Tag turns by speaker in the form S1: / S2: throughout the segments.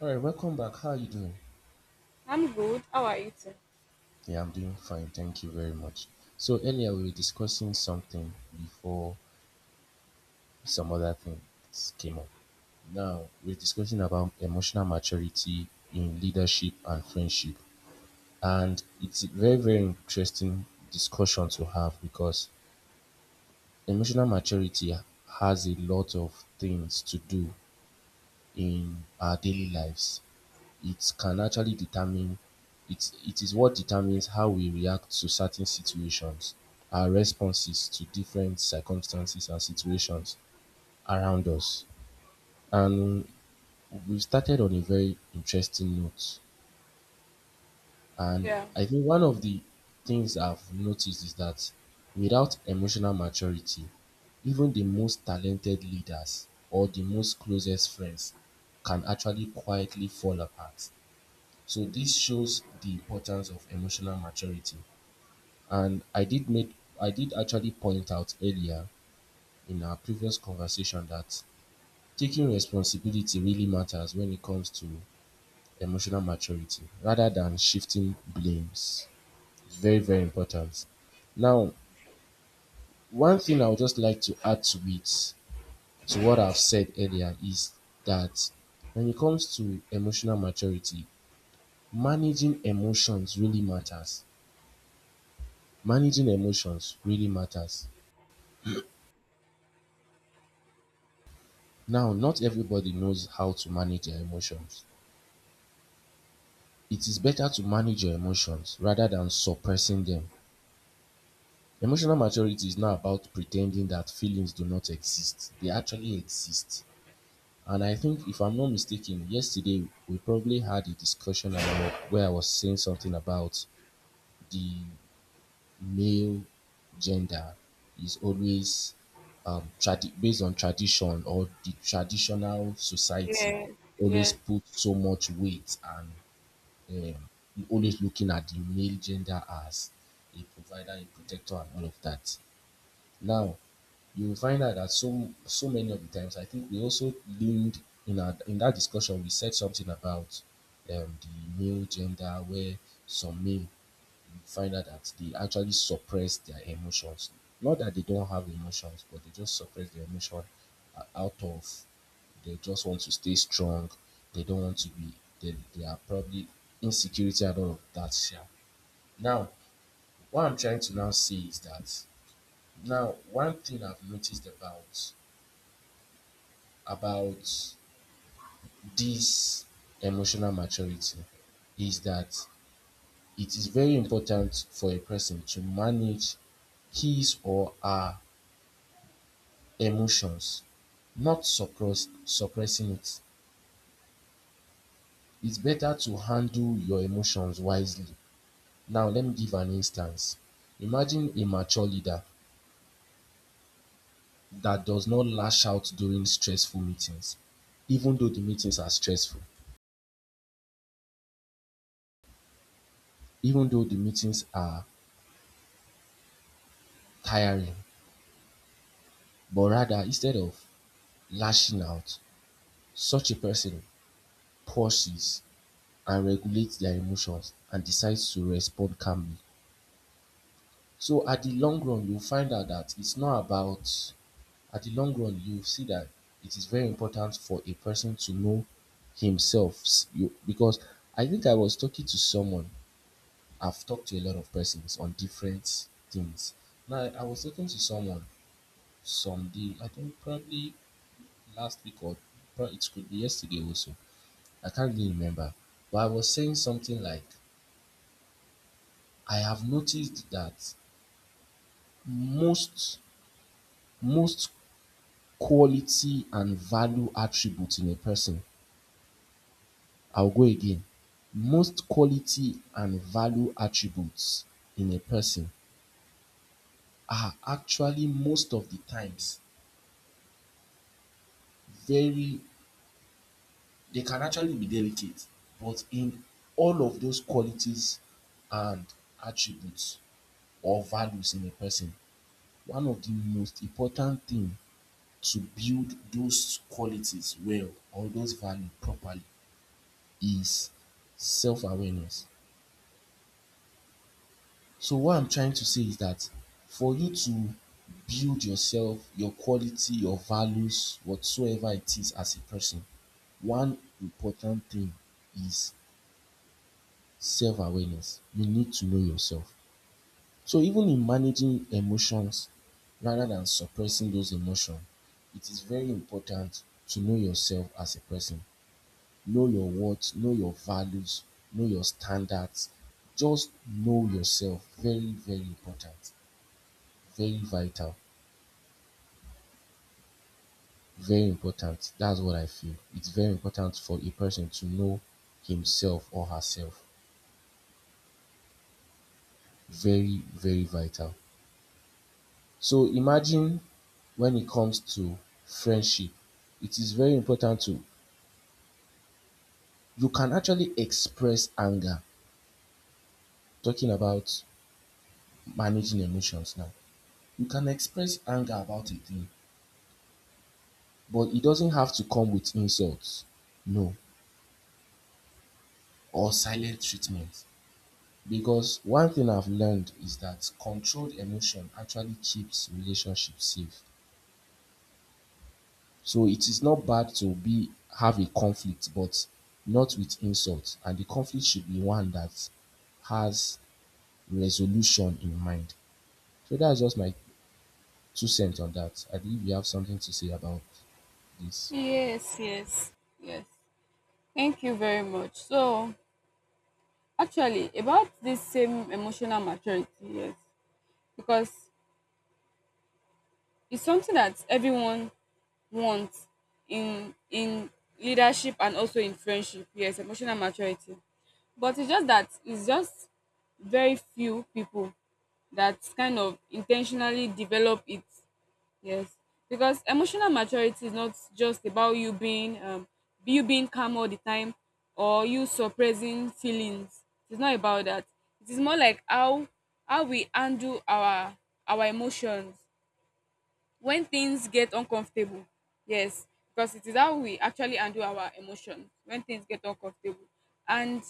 S1: All right, welcome back. How are you doing?
S2: I'm good. How are you too?
S1: Yeah, I'm doing fine. Thank you very much. So earlier we were discussing something before some other things came up. Now we're discussing about emotional maturity in leadership and friendship. And it's a very, very interesting discussion to have because emotional maturity has a lot of things to do in our daily lives. It can actually determine it it is what determines how we react to certain situations, our responses to different circumstances and situations around us. And we started on a very interesting note. And
S2: Yeah.
S1: I think one of the things I've noticed is that without emotional maturity, even the most talented leaders or the most closest friends can actually quietly fall apart. So this shows the importance of emotional maturity. And I did actually point out earlier in our previous conversation that taking responsibility really matters when it comes to emotional maturity rather than shifting blames. It's very, very important. Now, one thing I would just like to add to it, to what I've said earlier, is that when it comes to emotional maturity, managing emotions really matters. Managing emotions really matters. Now not everybody knows how to manage their emotions. It is better to manage your emotions rather than suppressing them. Emotional maturity is not about pretending that feelings do not exist. They actually exist. And I think if I'm not mistaken, yesterday we probably had a discussion about where I was saying something about the male gender is always based on tradition or the traditional society
S2: Yes.
S1: always
S2: Yes.
S1: put so much weight and always looking at the male gender as a provider, a protector, and all of that. Now, you will find out that so many of the times, I think we also leaned in that discussion. We said something about um, the male gender, where some men find out that they actually suppress their emotions. Not that they don't have emotions, but they just suppress their emotion out of they just want to stay strong. They don't want to be. They are probably insecurity and all of that. Yeah. Now, what I'm trying to now say is that now one thing I've noticed about this emotional maturity is that it is very important for a person to manage his or her emotions, not suppressing it. It's better to handle your emotions wisely. Now, let me give an instance. Imagine a mature leader that does not lash out during stressful meetings, even though the meetings are stressful, even though the meetings are tiring, but rather, instead of lashing out, such a person pauses and regulates their emotions and decides to respond calmly. So, at the long run, you'll find out that it's not about at the long run, you see that it is very important for a person to know himself. You, because I think I was talking to someone, I've talked to a lot of persons on different things. Now, I was talking to someone some day, I think probably last week or it could be yesterday also. I can't really remember. But I was saying something like, I have noticed that most most quality and value attributes in a person I'll go again. Most quality and value attributes in a person are actually most of the times very they can actually be delicate, but in all of those qualities and attributes or values in a person, one of the most important thing to build those qualities well or those value properly is self-awareness. So what I'm trying to say is that for you to build yourself, your quality, your values, whatsoever it is as a person, one important thing is self awareness. You need to know yourself. So even in managing emotions rather than suppressing those emotions, it is very important to know yourself as a person. Know your worth, know your values, know your standards. Just know yourself. Very, very important. Very vital, very important. That's what I feel. It's very important for a person to know himself or herself. Very, very vital. So imagine when it comes to friendship, it is very important to you can actually express anger. Talking about managing emotions now. You can express anger about a thing, but it doesn't have to come with insults. No. Or silent treatment. Because one thing I've learned is that controlled emotion actually keeps relationships safe. So it is not bad to be have a conflict, but not with insult. And the conflict should be one that has resolution in mind. So that's just my two cents on that. I believe you have something to say about this.
S2: Yes, yes, yes. Thank you very much. So, actually, about this same emotional maturity, yes, because it's something that everyone wants in leadership and also in friendship. Yes, emotional maturity, but it's just very few people that kind of intentionally develop it. Yes, because emotional maturity is not just about you being calm all the time or you suppressing feelings. It's not about that. It is more like how we handle our emotions when things get uncomfortable. Yes, because it is how we actually handle our emotions when things get uncomfortable. And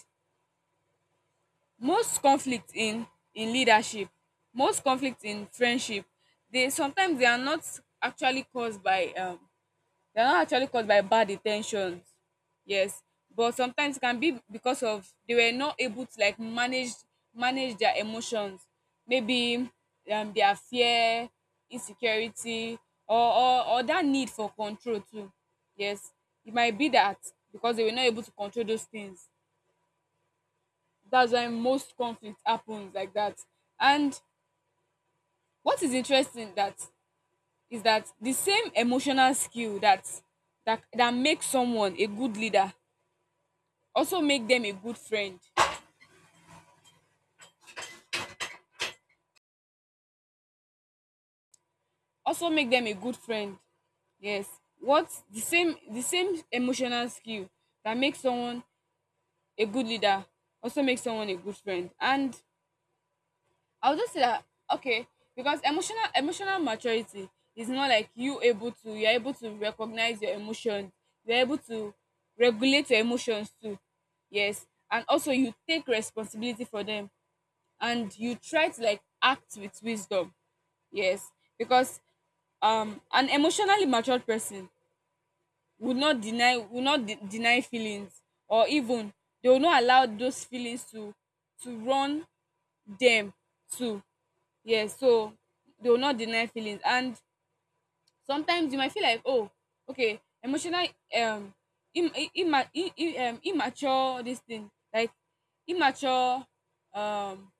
S2: most conflict in leadership, most conflict in friendship, they sometimes they are not actually caused by um they are not actually caused by bad intentions. Yes, but sometimes it can be because of they were not able to like manage their emotions. Maybe their fear, insecurity, or, or that need for control too. Yes, it might be that because they were not able to control those things. That's why most conflict happens like that. And what is interesting that is that the same emotional skill that makes someone a good leader also make them a good friend, also make them a good friend yes. what The same emotional skill that makes someone a good leader also makes someone a good friend. And I'll just say that, okay, because emotional maturity is not like you're able to recognize your emotions, you're able to regulate your emotions too. Yes, and also you take responsibility for them, and you try to like act with wisdom. Yes, because an emotionally matured person would not deny would not de- deny feelings, or even they will not allow those feelings to run them too. Yes, so they will not deny feelings, and sometimes you might feel like, oh, okay, emotional, um immature, this thing like immature. um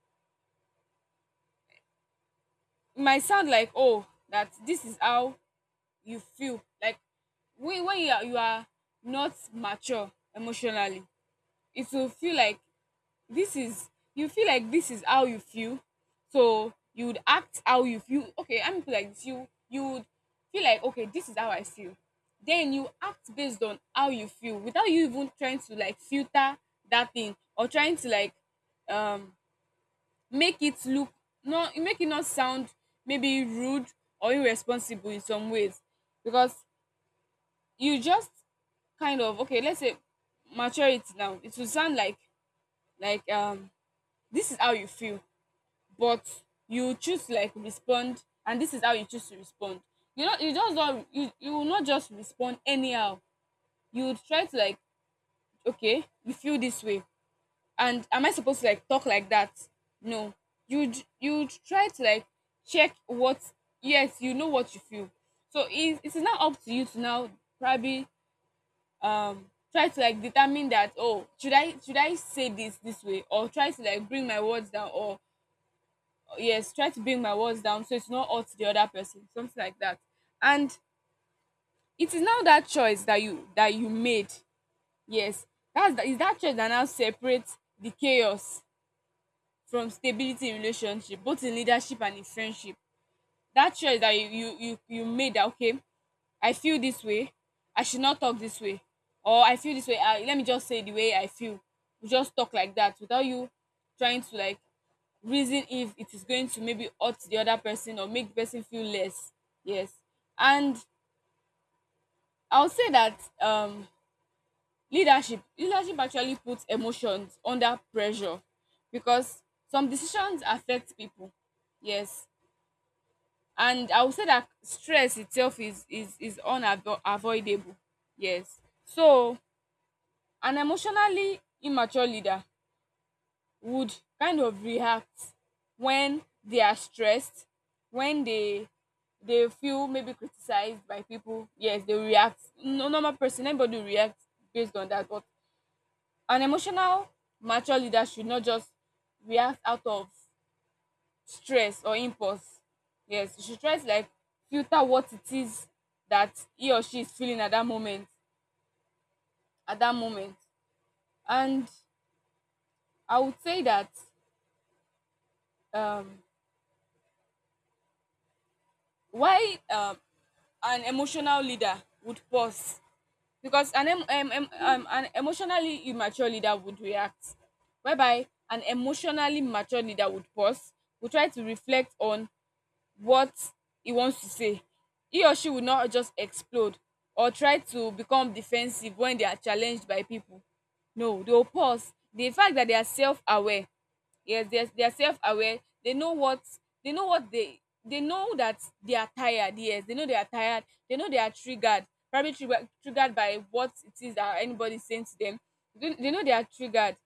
S2: it might sound like, oh, that this is how you feel like when you are not mature emotionally, it will feel like this is — you feel like this is how you feel. So you would act how you feel. Okay, I'm like this. You would feel like, okay, this is how I feel. Then you act based on how you feel without you even trying to like filter that thing or trying to like, um make it look not make it not sound maybe rude or irresponsible in some ways. Because you just kind of, okay, let's say maturity now, it will sound like, like um this is how you feel, but you choose to like respond, and this is how you choose to respond. You know, you just don't — you will not just respond anyhow. You would try to like, okay, you feel this way, and am I supposed to like talk like that? No. you you try to like check what. Yes, you know what you feel. So it is now up to you to now probably, try to like determine that, oh, should I say this way, or try to like bring my words down or yes, try to bring my words down so it's not hurt the other person, something like that. And it is now that choice that you made. Yes, that is that choice that now separates the chaos from stability in relationship, both in leadership and in friendship. That choice that you made, that, okay, I feel this way. I should not talk this way. Or I feel this way. Let me just say the way I feel. We just talk like that without you trying to like reason if it is going to maybe hurt the other person or make the person feel less. Yes. And I'll say that, leadership actually puts emotions under pressure, because some decisions affect people. Yes. And I would say that stress itself is unavoidable. Yes, so an emotionally immature leader would kind of react when they are stressed, when they feel maybe criticized by people. Yes, they react. No normal person — anybody reacts based on that. But an emotional mature leader should not just react out of stress or impulse. Yes, you should try to like filter what it is that he or she is feeling at that moment, at that moment and I would say that, um why an emotional leader would pause. Because an an emotionally immature leader would react, whereby an emotionally mature leader would pause, would try to reflect on what he wants to say. He or she will not just explode or try to become defensive when they are challenged by people. No, they will pause. The fact that they are self-aware. Yes, they are self-aware. They know what — they know what they they know that they are tired. Yes, they know they are tired. They know they are triggered. Probably triggered by what it is that anybody is saying to them. They know they are triggered,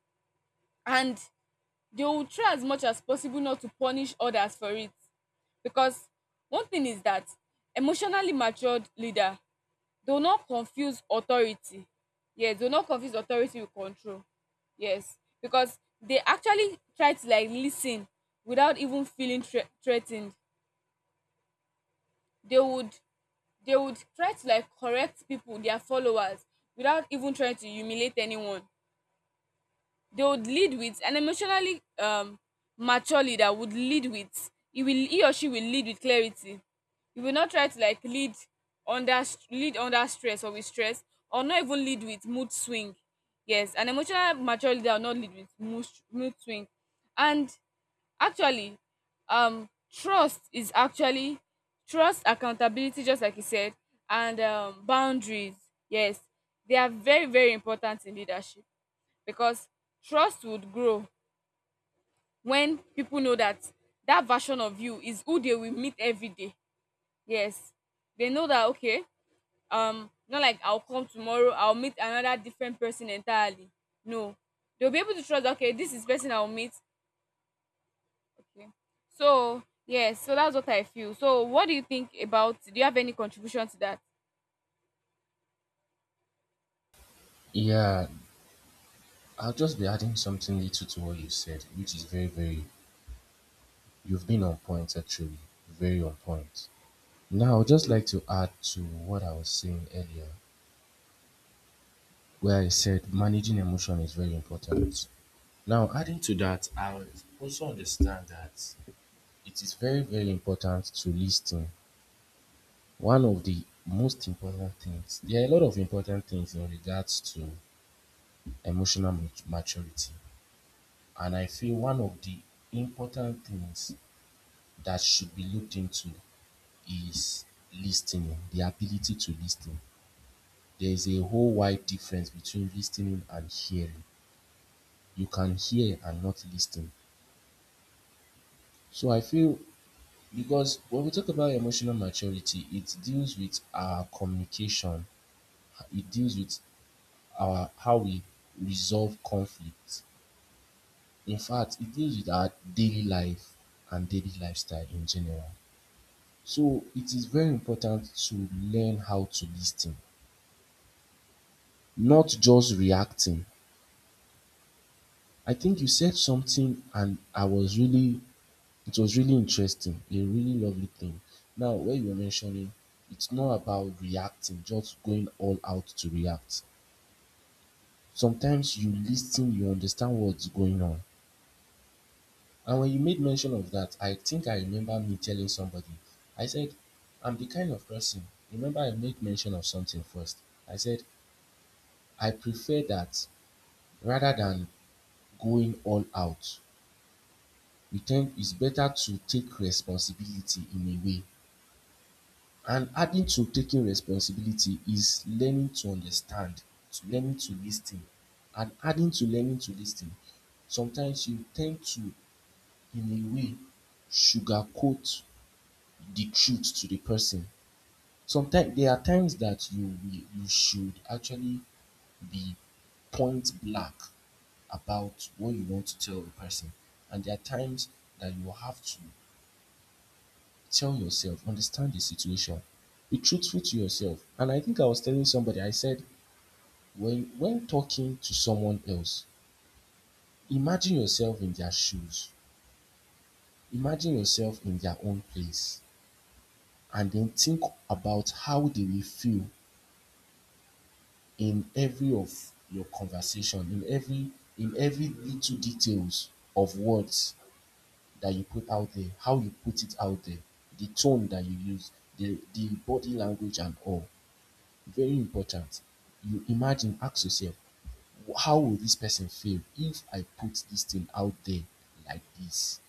S2: and they will try as much as possible not to punish others for it. Because one thing is that emotionally matured leader do not confuse authority — yes, do not confuse authority with control. Yes, because they actually try to like listen without even feeling threa threa they would, try to like correct people, their followers, without even trying to humiliate anyone. They would lead with — an emotionally mature leader would lead with he or she will lead with clarity. He will not try to like under lead under stress or with stress, or not even lead with mood swing. Yes, an emotional mature leader will not lead with mood swing. And actually, trust is actually — trust, accountability, just like you said, and, boundaries. Yes, they are very, very important in leadership, because trust would grow when people know that that version of you is who they will meet every day. Yes, they know that, okay, not like I'll come tomorrow, I'll meet another different person entirely. No, they'll be able to trust, okay, this is person I'll meet. Okay. So, yes, so that's what I feel. So what do you think? About Do you have any contribution to that?
S1: Yeah, I'll just be adding something little to what you said, which is very, very, you've been on point actually, very on point. Now, I would just like to add to what I was saying earlier, where I said managing emotion is very important. Now, adding to that, I would also understand that it is very, very important to listen. One of the most important things, there are a lot of important things in regards to emotional maturity. And I feel one of the important things that should be looked into is listening, the ability to listen. There's a whole wide difference between listening and hearing. You can hear and not listen. So I feel because when we talk about emotional maturity, it deals with our communication, it deals with our how we resolve conflict. In fact, it deals with our daily life and daily lifestyle in general. So it is very important to learn how to listen, not just reacting. I think you said something and I was really It was really interesting, a really lovely thing. Now, when you were mentioning, it's not about reacting, just going all out to react. Sometimes you listen, you understand what's going on. And when you made mention of that, I think I remember me telling somebody, I said, I'm the kind of person, remember I made mention of something first. I said, I prefer that rather than going all out. It's better to take responsibility in a way. And adding to taking responsibility is learning to understand, to learning to lis and adding to learning to lis sometimes you tend to in a way sugarcoat the truth to the person. Sometimes there are times that you should actually be point blank about what you want to tell the person, and there are times that you have to tell yourself, understand the situation, be truthful to yourself. And I think I was telling somebody, I said, when talking to someone else, imagine yourself in their shoes, imagine yourself in their own place, and then think about how they will feel in every of your conversation, in every little details of words that you put out there, how you put it out there, the tone that you use, the body language and all. Very important. You imagine, ask yourself, how will this person feel if I put this thing out there like this?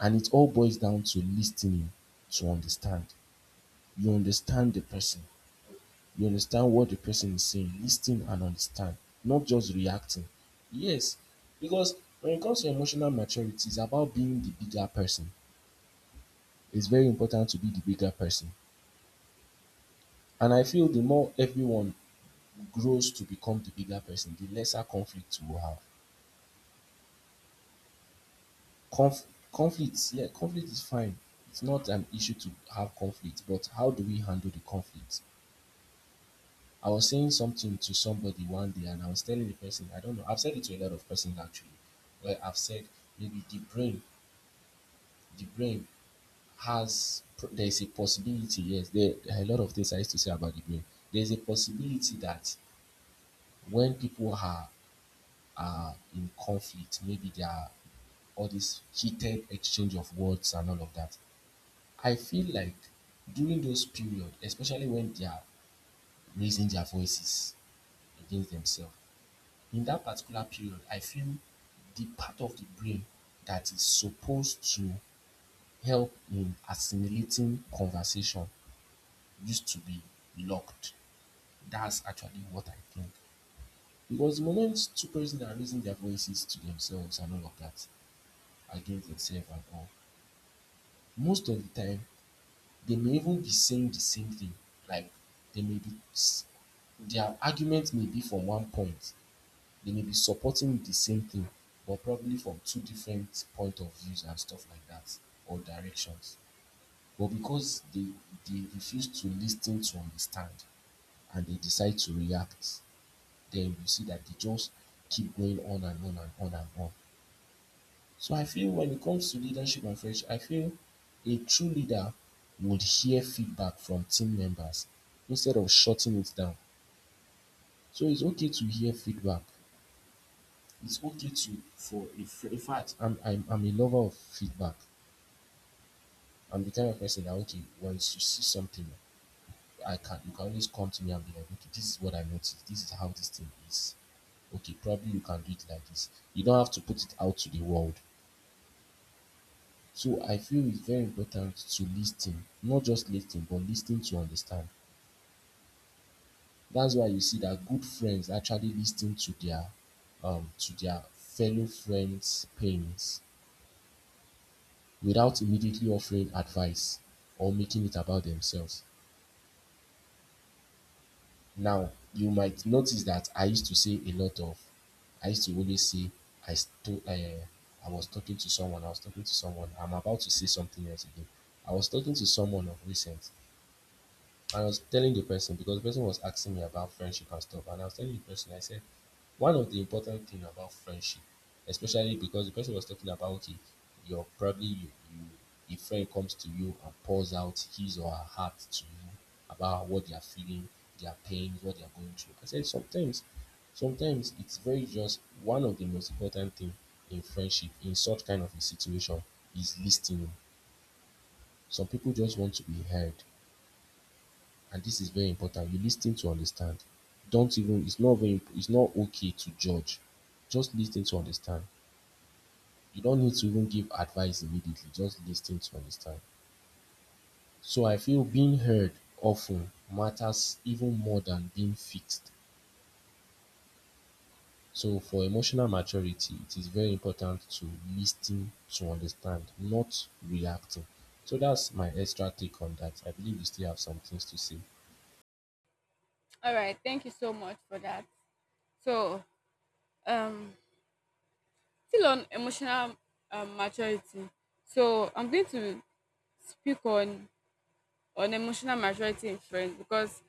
S1: And it all boils down to listening to understand. You understand the person, you understand what the person is saying, listen and understand, not just reacting. Yes, because when it comes to emotional maturity, it's about being the bigger person. It's very important to be the bigger person. And I feel the more everyone grows to become the bigger person, the lesser conflict we will have. Conf- Conflicts, yeah, conflict is fine. It's not an issue to have conflict, but how do we handle the conflict? I was saying something to somebody one day, and I was telling the person, I don't know, I've said it to a lot of persons actually, where I've said maybe the brain has, there is a possibility, yes, there are a lot of things I used to say about the brain. There's a possibility that when people are in conflict, maybe there are all this heated exchange of words and all of that, I feel like during those period, especially when they are raising their voices against themselves, in that particular period, I feel the part of the brain that is supposed to help in assimilating conversation used to be locked. That's actually what I think. Because the moment two persons are raising their voices to themselves and all of that, against themselves and all, most of the time, they may even be saying the same thing. Like they may be their argument may be from one point. They may be supporting the same thing, but probably from two different point of views and stuff like that, or directions. But because they refuse to listen to understand and they decide to react, then you see that they just keep going on and on and on and on. So I feel when it comes to leadership and friendship, I feel a true leader would hear feedback from team members instead of shutting it down. So it's okay to hear feedback. It's okay to in fact, I'm a lover of feedback. I'm the kind of person that, okay, once you see something, I can you can always come to me and be like, okay, this is what I noticed. This is how this thing is. Okay, probably you can do it like this. You don't have to put it out to the world. So I feel it's very important to lis not just lis but lis to understand. That's why you see that good friends actually lis to their fellow friends' pains without immediately offering advice or making it about themselves. Now, you might notice that I used to say a lot of, I used to always say, I was talking to someone, I'm about to say something else again. I was talking to someone of recent. I was telling the person, because the person was asking me about friendship and stuff, and I was telling the person, I said, one of the important thing about friendship, especially because the person was talking about, okay, you're probably you, you a friend comes to you and pours out his or her heart to you about what they are feeling, their pains, what they are going through. I said, sometimes, it's very just one of the most important thing in friendship in such kind of a situation is listening. Some people just want to be heard, and this is very important. You listen to understand. Don't even, it's not very, it's not okay to judge, just listen to understand. You don't need to even give advice immediately, just listen to understand. So I feel being heard often matters even more than being fixed. So for emotional maturity, it is very important to listen to understand, not reacting. So that's my extra take on that. I believe you still have some things to say.
S2: All right, thank you so much for that. So, um still on emotional, maturity. So I'm going to speak on emotional maturity in friends. Because,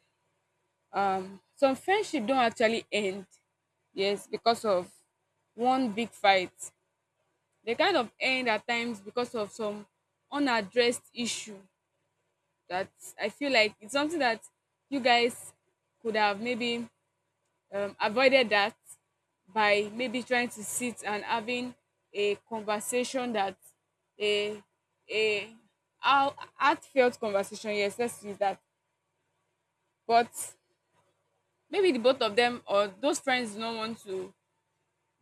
S2: some friendship don't actually end, yes, because of one big fight. They kind of end at times because of some unaddressed issue that I feel like it's something that you guys could have maybe, avoided that by maybe trying to sit and having a conversation that, a a heartfelt conversation, yes, let's use that. But maybe the both of them or those friends do not want to —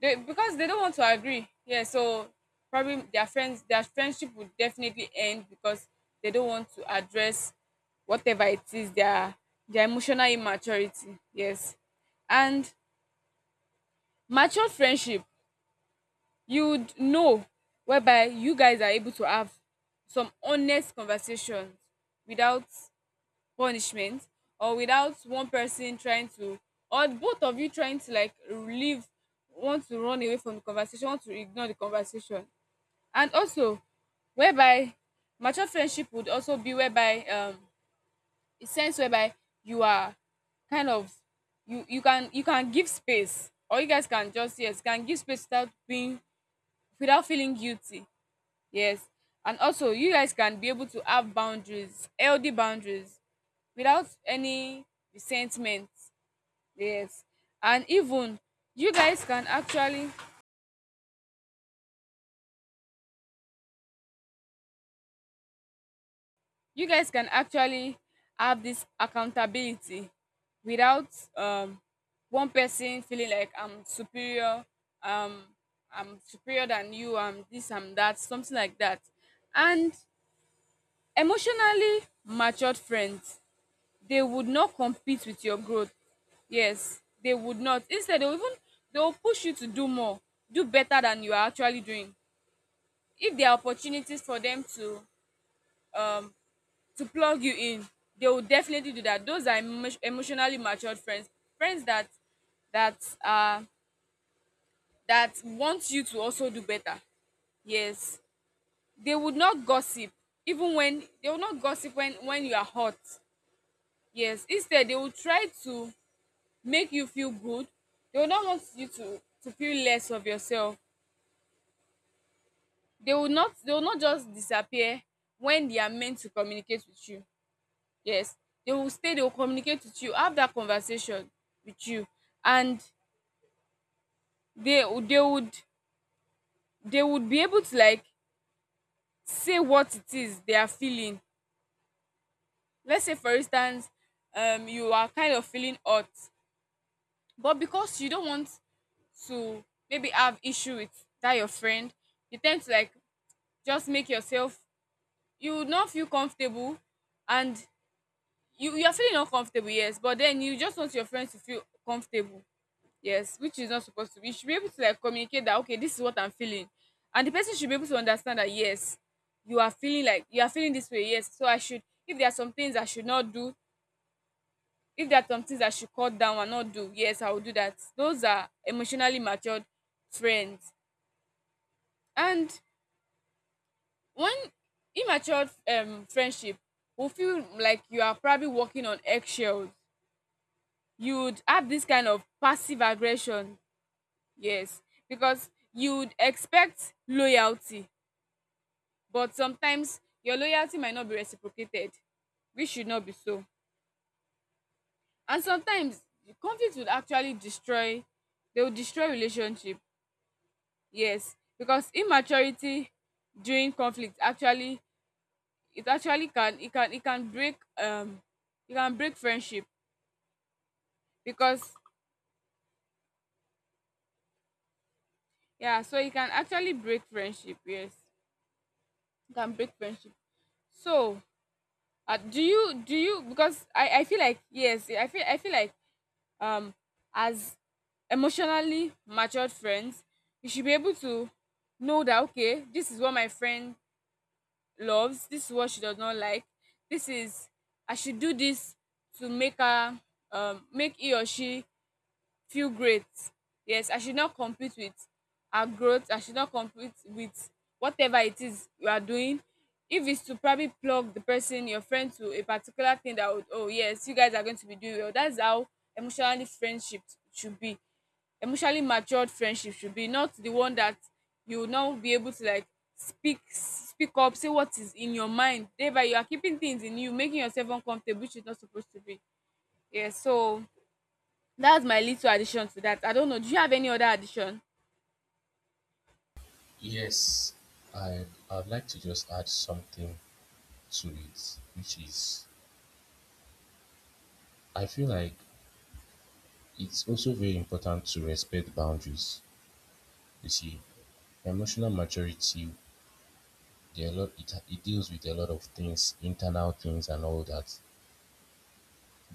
S2: they because they don't want to agree, yeah. So probably their friendship would definitely end because they don't want to address whatever it is, their emotional immaturity. Yes. And mature friendship, you'd know, whereby you guys are able to have some honest conversations without punishment, or without one person trying to, or both of you trying to like leave, want to run away from the conversation, want to ignore the conversation. And also, whereby mature friendship would also be whereby, a sense whereby you are kind of — you can, give space, or you guys can just, yes, can give space without being, without feeling guilty. Yes. And also, you guys can be able to have boundaries, healthy boundaries, without any resentment. Yes. And even you guys can actually, you guys can actually have this accountability without, um one person feeling like um I'm superior than you, I'm this, I'm that, something like that. And emotionally matured friends, they would not compete with your growth. Yes, they would not. Instead, they will even — they will push you to do more, do better than you are actually doing. If there are opportunities for them to, um to plug you in, they will definitely do that. Those are emotionally matured friends, friends that that uh want you to also do better. Yes, they would not gossip, even when — they will not gossip when you are hot. Yes, instead they will try to make you feel good. They will not want you to feel less of yourself. They will not just disappear when they are meant to communicate with you. Yes, they will stay, they will communicate with you, have that conversation with you. And they they would they would be able to like say what it is they are feeling. Let's say, for instance, you are kind of feeling hot, but because you don't want to maybe have issue with that, your friend, you tend to like just make yourself, you would not feel comfortable. And you are feeling uncomfortable, yes, but then you just want your friends to feel comfortable. Yes, which is not supposed to be. You should be able to like communicate that, okay, this is what I'm feeling. And the person should be able to understand that. Yes, you are feeling like you are feeling this way. Yes, so I should if there are some things I should not do, if there are some things I should cut down and not do, yes, I will do that. Those are emotionally matured friends. And one immature, friendship will feel like you are probably walking on eggshells. You would have this kind of passive aggression, yes, because you would expect loyalty, but sometimes your loyalty might not be reciprocated, which should not be so. And sometimes the conflict would actually destroy — they will destroy relationship, yes, because immaturity during conflict, actually, it actually can, it can break, it can break friendship because, yeah, so it can actually break friendship. Yes, it can break friendship. So, do you — because I feel like, yes, I feel like, um as emotionally matured friends, you should be able to know that, okay, this is what my friend loves, this is what she does not like. This is — I should do this to make her make he or she feel great. Yes, I should not compete with our growth. I should not compete with whatever it is you are doing. If it's to probably plug the person, your friend, to a particular thing that would, oh, yes, you guys are going to be doing well. That's how emotionally friendship should be. Emotionally matured friendship should be, not the one that you will not be able to like speak up, say what is in your mind. Thereby, you are keeping things in you, making yourself uncomfortable, which is not supposed to be. Yes. So that's my little addition to that. I don't know. Do you have any other addition?
S1: Yes, I, I'd like to just add something to it, which is, I feel like it's also very important to respect boundaries. You see, emotional maturity, there are a lot, it deals with a lot of things, internal things and all that.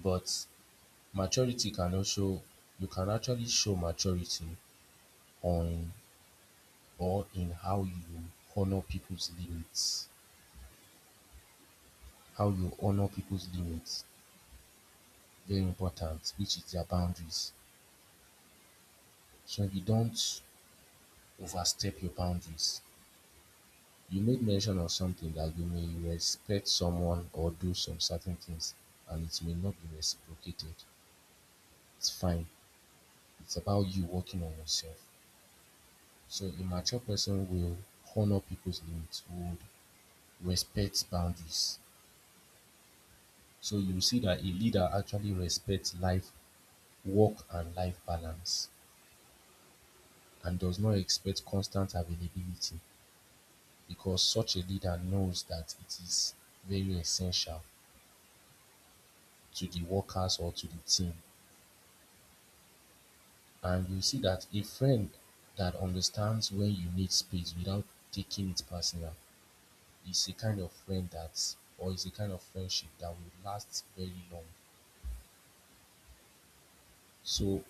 S1: But maturity can also, you can actually show maturity on or in how you honor people's limits, how you honor people's limits, very important, which is their boundaries. So you don't overstep your boundaries. You made mention of something that you may respect someone or do some certain things and it may not be reciprocated. It's fine. It's about you working on yourself. So a mature person will honor people's limits, would respect boundaries. So you see that a leader actually respects life, work and life balance, and does not expect constant availability, because such a leader knows that it is very essential to the workers or to the team. And you see that a friend that understands when you need space without taking it personal is a kind of friend that, or is a kind of friendship that will last very long. So